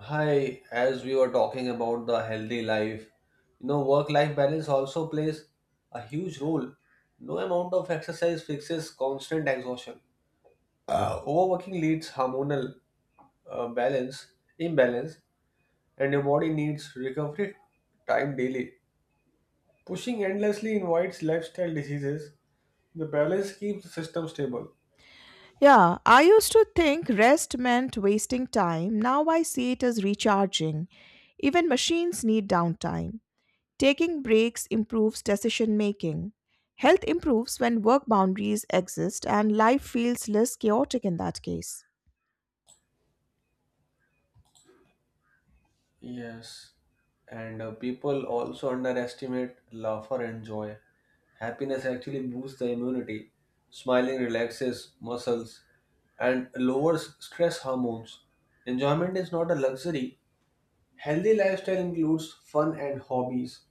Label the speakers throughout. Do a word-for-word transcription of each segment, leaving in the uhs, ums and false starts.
Speaker 1: Hi, as we were talking about the healthy life, you know, work life balance also plays a huge role. No amount of exercise fixes constant exhaustion. Uh, overworking leads hormonal uh, balance imbalance, and your body needs recovery time daily. Pushing endlessly invites lifestyle diseases. The balance keeps the system stable.
Speaker 2: Yeah, I used to think rest meant wasting time. Now I see it as recharging. Even machines need downtime. Taking breaks improves decision making. Health improves when work boundaries exist and life feels less chaotic in that case.
Speaker 1: Yes, and uh, people also underestimate laughter and joy. Happiness actually boosts the immunity. Smiling relaxes muscles and lowers stress hormones. Enjoyment is not a luxury. Healthy lifestyle includes fun and hobbies.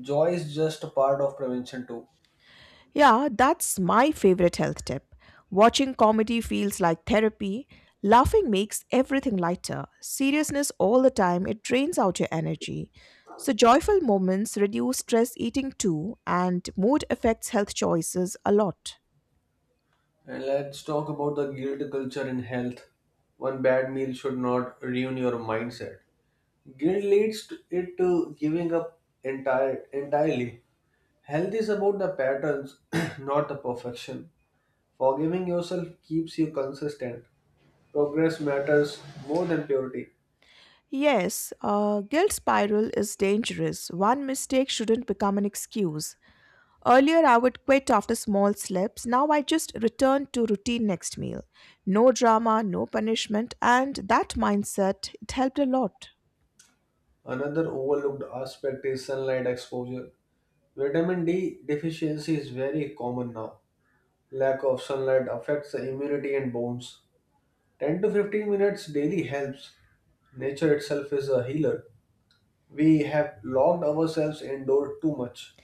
Speaker 1: Joy is just a part of prevention too.
Speaker 2: Yeah, that's my favorite health tip. Watching comedy feels like therapy. Laughing makes everything lighter. Seriousness all the time, it drains out your energy. So, joyful moments reduce stress eating too, and mood affects health choices a lot.
Speaker 1: And let's talk about the guilt culture in health. One bad meal should not ruin your mindset. Guilt leads to it to giving up entire entirely. Health is about the patterns, not the perfection. Forgiving yourself keeps you consistent. Progress matters more than purity.
Speaker 2: Yes, a guilt spiral is dangerous. One mistake shouldn't become an excuse. Earlier, I would quit after small slips. Now, I just return to routine next meal. No drama, no punishment, and that mindset, it helped a lot.
Speaker 1: Another overlooked aspect is sunlight exposure. Vitamin D deficiency is very common now. Lack of sunlight affects the immunity and bones. ten to fifteen minutes daily helps. Nature itself is a healer. We have locked ourselves indoors too much.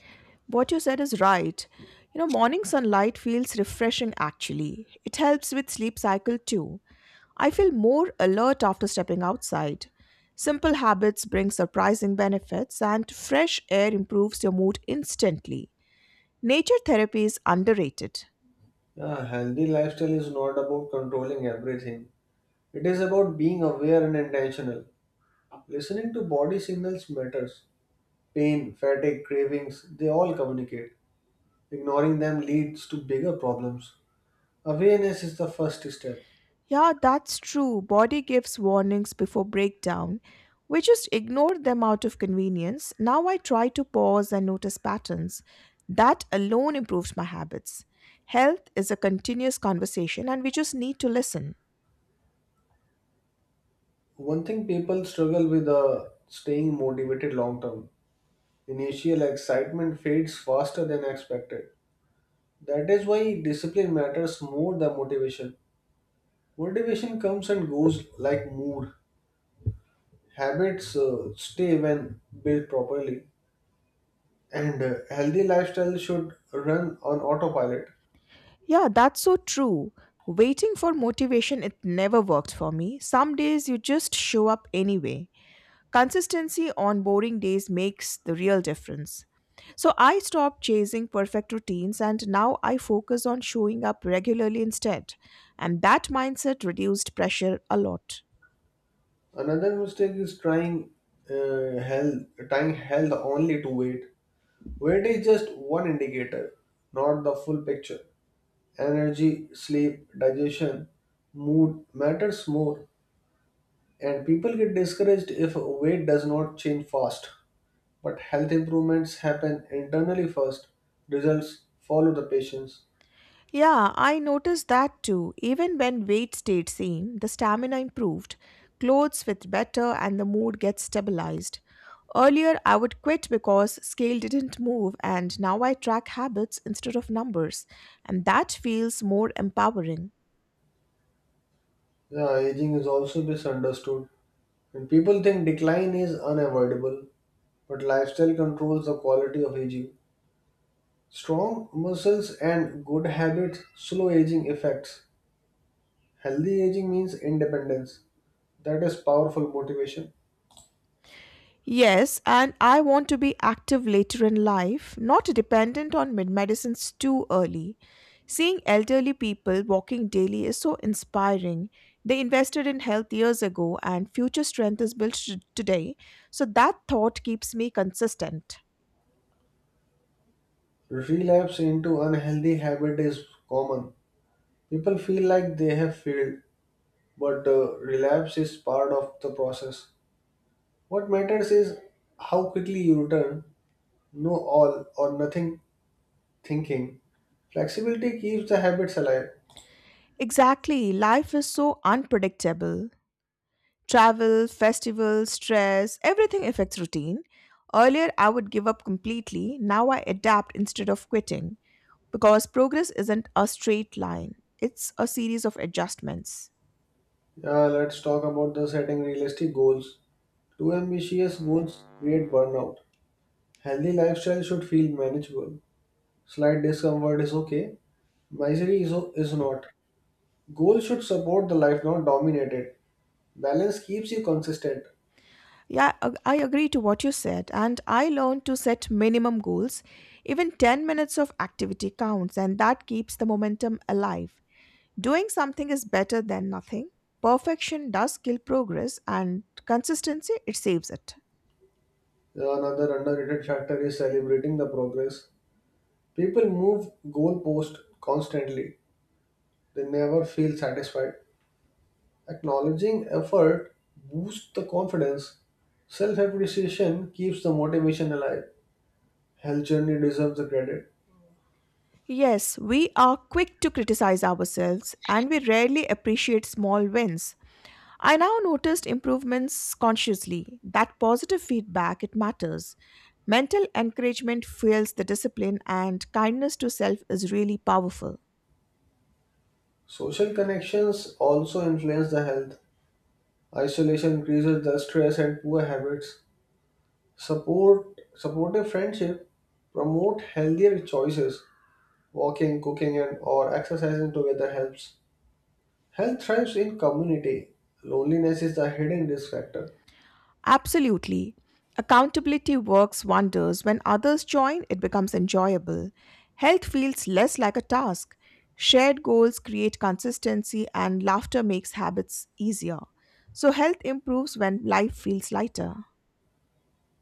Speaker 2: What you said is right. You know, morning sunlight feels refreshing actually. It helps with sleep cycle too. I feel more alert after stepping outside. Simple habits bring surprising benefits, and fresh air improves your mood instantly. Nature therapy is underrated.
Speaker 1: A healthy lifestyle is not about controlling everything. It is about being aware and intentional. Listening to body signals matters. Pain, fatigue, cravings, they all communicate. Ignoring them leads to bigger problems. Awareness is the first step.
Speaker 2: Yeah, that's true. Body gives warnings before breakdown. We just ignore them out of convenience. Now I try to pause and notice patterns. That alone improves my habits. Health is a continuous conversation and we just need to listen.
Speaker 1: One thing people struggle with, uh, staying motivated long term. Initial excitement fades faster than expected. That is why discipline matters more than motivation. Motivation comes and goes like mood. Habits uh, stay when built properly. And uh, healthy lifestyle should run on autopilot.
Speaker 2: Yeah, that's so true. Waiting for motivation, it never worked for me. Some days you just show up anyway. Consistency on boring days makes the real difference. So I stopped chasing perfect routines and now I focus on showing up regularly instead. And that mindset reduced pressure a lot.
Speaker 1: Another mistake is trying uh, health, tying health only to weight. Weight is just one indicator, not the full picture. Energy, sleep, digestion, mood matters more, and people get discouraged if weight does not change fast. But health improvements happen internally first. Results follow the patients.
Speaker 2: Yeah, I noticed that too. Even when weight stayed same, the stamina improved, clothes fit better and the mood gets stabilized. Earlier I would quit because scale didn't move and now I track habits instead of numbers and that feels more empowering.
Speaker 1: Yeah, aging is also misunderstood. And people think decline is unavoidable, but lifestyle controls the quality of aging. Strong muscles and good habits slow aging effects. Healthy aging means independence. That is powerful motivation.
Speaker 2: Yes, and I want to be active later in life, not dependent on mid medicines too early. Seeing elderly people walking daily is so inspiring. They invested in health years ago, and future strength is built t- today. So that thought keeps me consistent.
Speaker 1: Relapse into unhealthy habit is common. People feel like they have failed, but uh, relapse is part of the process. What matters is how quickly you return, no all or nothing thinking. Flexibility keeps the habits alive.
Speaker 2: Exactly, life is so unpredictable. Travel, festivals, stress, everything affects routine. Earlier, I would give up completely. Now, I adapt instead of quitting because progress isn't a straight line, it's a series of adjustments.
Speaker 1: Yeah, let's talk about the setting realistic goals. Too ambitious goals create burnout. Healthy lifestyle should feel manageable. Slight discomfort is okay. Misery is, is not. Goals should support the life, not dominate it. Balance keeps you consistent.
Speaker 2: Yeah, I I agree to what you said, and I learned to set minimum goals. Even ten minutes of activity counts, and that keeps the momentum alive. Doing something is better than nothing. Perfection does kill progress, and consistency, it saves it.
Speaker 1: Yeah, another underrated factor is celebrating the progress. People move goalpost constantly. They never feel satisfied. Acknowledging effort boosts the confidence. Self appreciation keeps the motivation alive. Health journey deserves the credit.
Speaker 2: Yes, we are quick to criticize ourselves and we rarely appreciate small wins. I now noticed improvements consciously. That positive feedback, it matters. Mental encouragement fuels the discipline and kindness to self is really powerful.
Speaker 1: Social connections also influence the health. Isolation increases the stress and poor habits. Support supportive friendship promote healthier choices. Walking, cooking, and or exercising together helps. Health thrives in community. Loneliness is the hidden risk factor.
Speaker 2: Absolutely. Accountability works wonders. When others join, it becomes enjoyable. Health feels less like a task. Shared goals create consistency, and laughter makes habits easier. So, health improves when life feels lighter.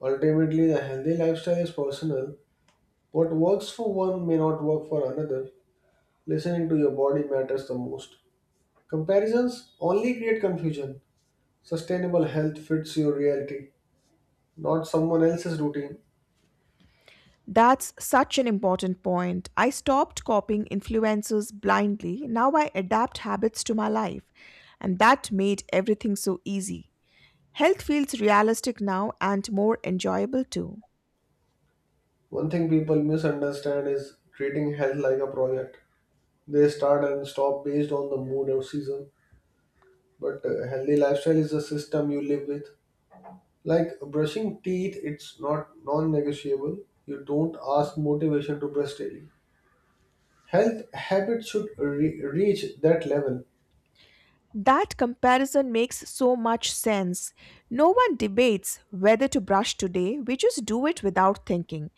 Speaker 1: Ultimately, the healthy lifestyle is personal. What works for one may not work for another. Listening to your body matters the most. Comparisons only create confusion. Sustainable health fits your reality, not someone else's routine.
Speaker 2: That's such an important point. I stopped copying influencers blindly. Now I adapt habits to my life, and that made everything so easy. Health feels realistic now and more enjoyable too.
Speaker 1: One thing people misunderstand is treating health like a project. They start and stop based on the mood or season. But a healthy lifestyle is a system you live with. Like brushing teeth, it's not non negotiable. You don't ask motivation to brush daily. Health habits should re- reach that level.
Speaker 2: That comparison makes so much sense. No one debates whether to brush today, we just do it without thinking.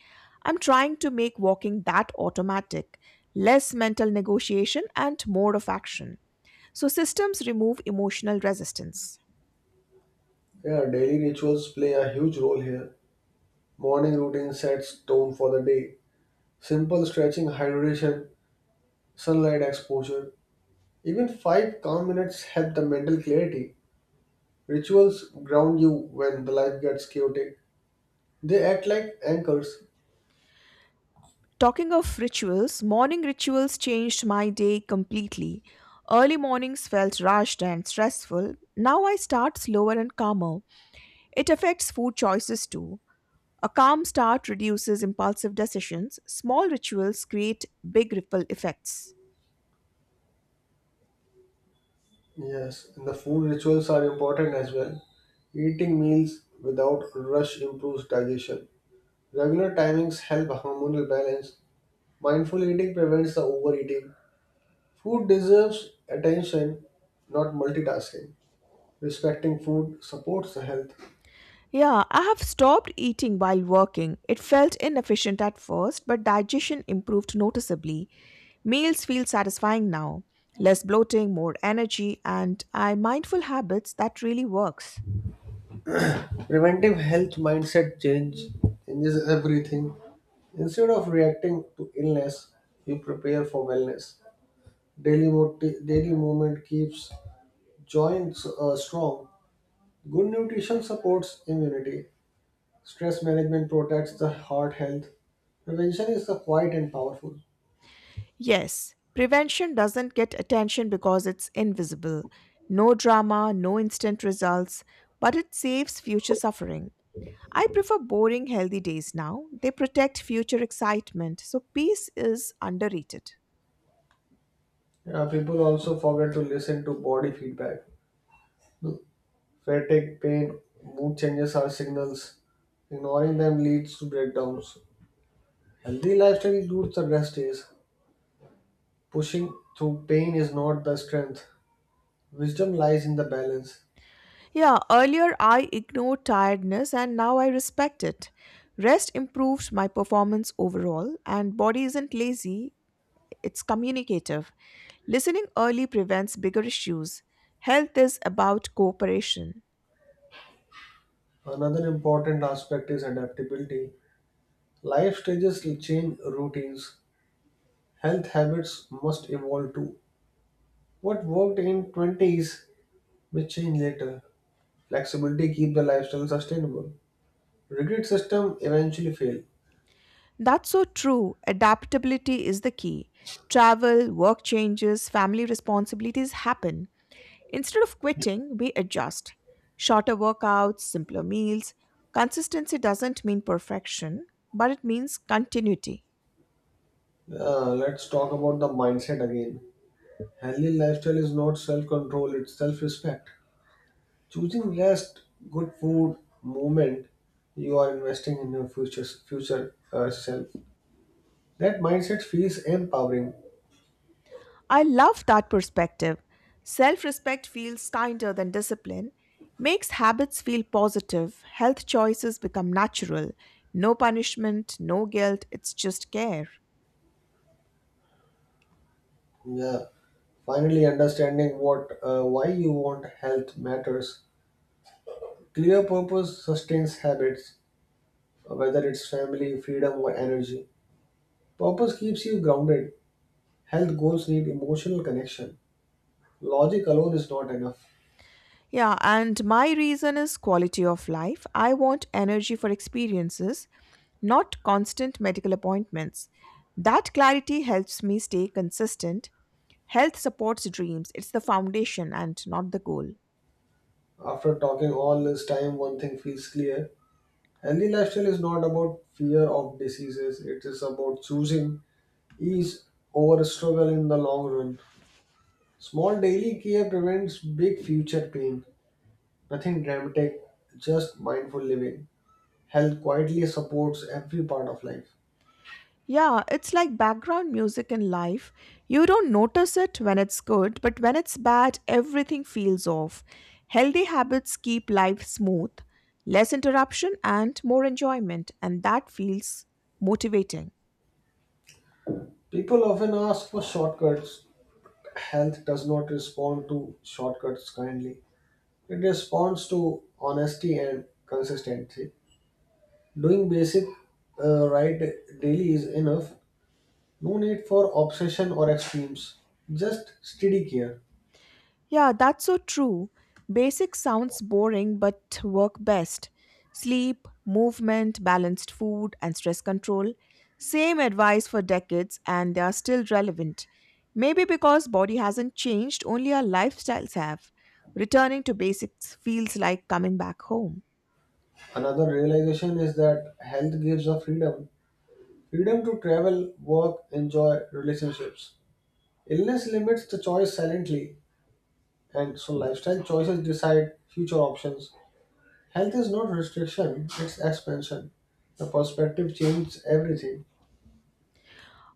Speaker 2: I'm trying to make walking that automatic, less mental negotiation and more of action. So, systems remove emotional resistance.
Speaker 1: Yeah, daily rituals play a huge role here. Morning routine sets tone for the day. Simple stretching, hydration, sunlight exposure. Even five calm minutes help the mental clarity. Rituals ground you when the life gets chaotic. They act like anchors.
Speaker 2: Talking of rituals, morning rituals changed my day completely. Early mornings felt rushed and stressful. Now I start slower and calmer. It affects food choices too. A calm start reduces impulsive decisions. Small rituals create big ripple effects.
Speaker 1: Yes, and the food rituals are important as well. Eating meals without rush improves digestion. Regular timings help hormonal balance. Mindful eating prevents the overeating. Food deserves attention, not multitasking. Respecting food supports the health.
Speaker 2: Yeah, I have stopped eating while working. It felt inefficient at first, but digestion improved noticeably. Meals feel satisfying now. Less bloating, more energy, and I mindful habits that really works.
Speaker 1: Preventive health mindset change changes everything. Instead of reacting to illness, you prepare for wellness. Daily, moti- daily movement keeps joints uh, strong. Good nutrition supports immunity. Stress management protects the heart health. Prevention is the quiet and powerful.
Speaker 2: Yes, prevention doesn't get attention because it's invisible. No drama, no instant results, but it saves future suffering. I prefer boring, healthy days now. They protect future excitement, so peace is underrated.
Speaker 1: Yeah, people also forget to listen to body feedback. Fatigue, pain, mood changes are signals. Ignoring them leads to breakdowns. Healthy lifestyle includes the rest days. Pushing through pain is not the strength. Wisdom lies in the balance.
Speaker 2: Yeah, earlier I ignored tiredness and now I respect it. Rest improves my performance overall, and body isn't lazy, it's communicative. Listening early prevents bigger issues. Health is about cooperation.
Speaker 1: Another important aspect is adaptability. Life stages change routines. Health habits must evolve too. What worked in twenties may change later. Flexibility keep the lifestyle sustainable. Rigid system eventually fail.
Speaker 2: That's so true. Adaptability is the key. Travel, work changes, family responsibilities happen. Instead of quitting, we adjust. Shorter workouts, simpler meals. Consistency doesn't mean perfection, but it means continuity.
Speaker 1: Uh, let's talk about the mindset again. Healthy lifestyle is not self-control, it's self-respect. Choosing rest, good food, movement, you are investing in your future future uh, self. That mindset feels empowering.
Speaker 2: I love that perspective. Self respect feels kinder than discipline, makes habits feel positive, health choices become natural. No punishment, no guilt, it's just care.
Speaker 1: Yeah. Finally, understanding what uh, why you want health matters. Clear purpose sustains habits, whether it's family, freedom, or energy. Purpose keeps you grounded. Health goals need emotional connection. Logic alone is not enough.
Speaker 2: Yeah, and my reason is quality of life. I want energy for experiences, not constant medical appointments. That clarity helps me stay consistent. Health supports dreams, it's the foundation and not the goal.
Speaker 1: After talking all this time, one thing feels clear. Healthy lifestyle is not about fear of diseases, it is about choosing ease over struggle in the long run. Small daily care prevents big future pain. Nothing dramatic, just mindful living. Health quietly supports every part of life.
Speaker 2: Yeah, it's like background music in life. You don't notice it when it's good, but when it's bad, everything feels off. Healthy habits keep life smooth, less interruption, and more enjoyment, and that feels motivating.
Speaker 1: People often ask for shortcuts. Health does not respond to shortcuts kindly, it responds to honesty and consistency. Doing basic uh, right daily is enough. No need for obsession or extremes, just steady care.
Speaker 2: Yeah, that's so true. Basic sounds boring but work best. Sleep, movement, balanced food, and stress control. Same advice for decades, and they are still relevant. Maybe because body hasn't changed, only our lifestyles have. Returning to basics feels like coming back home.
Speaker 1: Another realization is that health gives a freedom freedom to travel, work, enjoy relationships. Illness limits the choice silently, and so lifestyle choices decide future options. Health is not restriction, it's expansion. The perspective changes everything.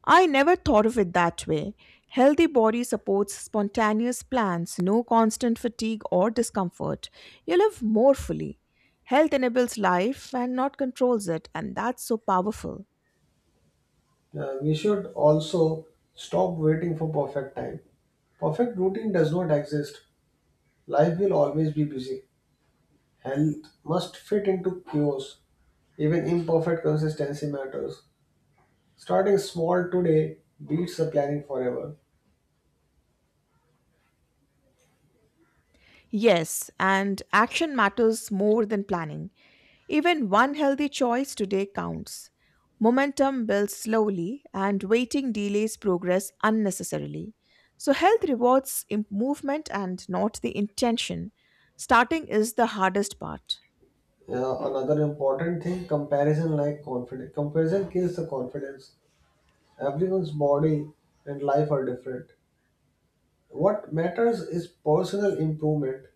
Speaker 2: I never thought of it that way. Healthy body supports spontaneous plans, no constant fatigue or discomfort. You live more fully. Health enables life and not controls it, and that's so powerful.
Speaker 1: Uh, we should also stop waiting for perfect time. Perfect routine does not exist. Life will always be busy. Health must fit into chaos. Even imperfect consistency matters. Starting small today beats the planning forever.
Speaker 2: Yes, and action matters more than planning. Even one healthy choice today counts. Momentum builds slowly, and waiting delays progress unnecessarily. So, health rewards im- movement and not the intention. Starting is the hardest part.
Speaker 1: Uh, another important thing, comparison like confidence. Comparison kills the confidence. Everyone's body and life are different. What matters is personal improvement.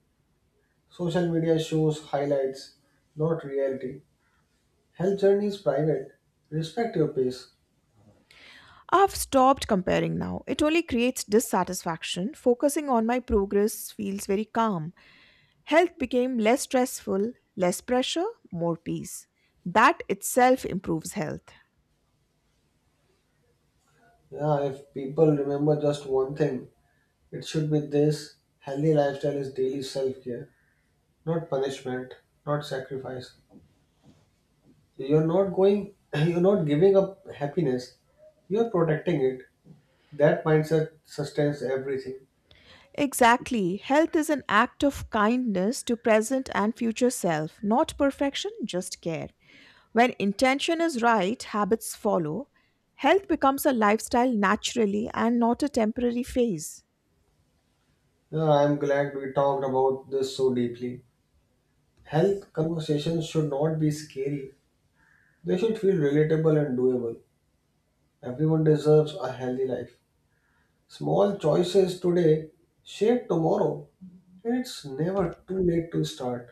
Speaker 1: Social media shows highlights, not reality. Health journey is private. Respect your pace.
Speaker 2: I've stopped comparing now. It only creates dissatisfaction. Focusing on my progress feels very calm. Health became less stressful, less pressure, more peace. That itself improves health.
Speaker 1: Yeah, if people remember just one thing, it should be this: healthy lifestyle is daily self care, not punishment, not sacrifice. You're not going, you're not giving up happiness, you're protecting it. That mindset sustains everything.
Speaker 2: Exactly. Health is an act of kindness to present and future self, not perfection, just care. When intention is right, habits follow. Health becomes a lifestyle naturally and not a temporary phase.
Speaker 1: You know, I'm glad we talked about this so deeply. Health conversations should not be scary, they should feel relatable and doable. Everyone deserves a healthy life. Small choices today shape tomorrow, and it's never too late to start.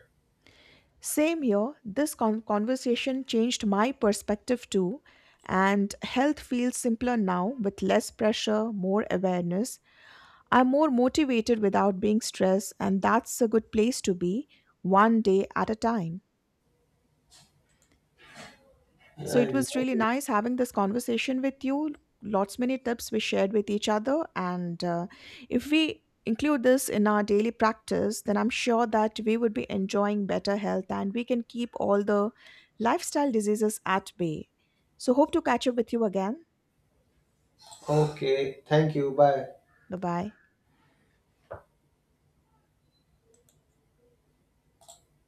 Speaker 2: Same here, this con- conversation changed my perspective too, and health feels simpler now with less pressure, more awareness, I'm more motivated without being stressed, and that's a good place to be one day at a time. So
Speaker 1: Yeah,
Speaker 2: it was really
Speaker 1: exactly.
Speaker 2: nice having this conversation with you. Lots many tips we shared with each other, and uh, if we include this in our daily practice, then I'm sure that we would be enjoying better health and we can keep all the lifestyle diseases at bay. So hope to catch up with you again.
Speaker 1: Okay, thank you. Bye.
Speaker 2: Bye bye.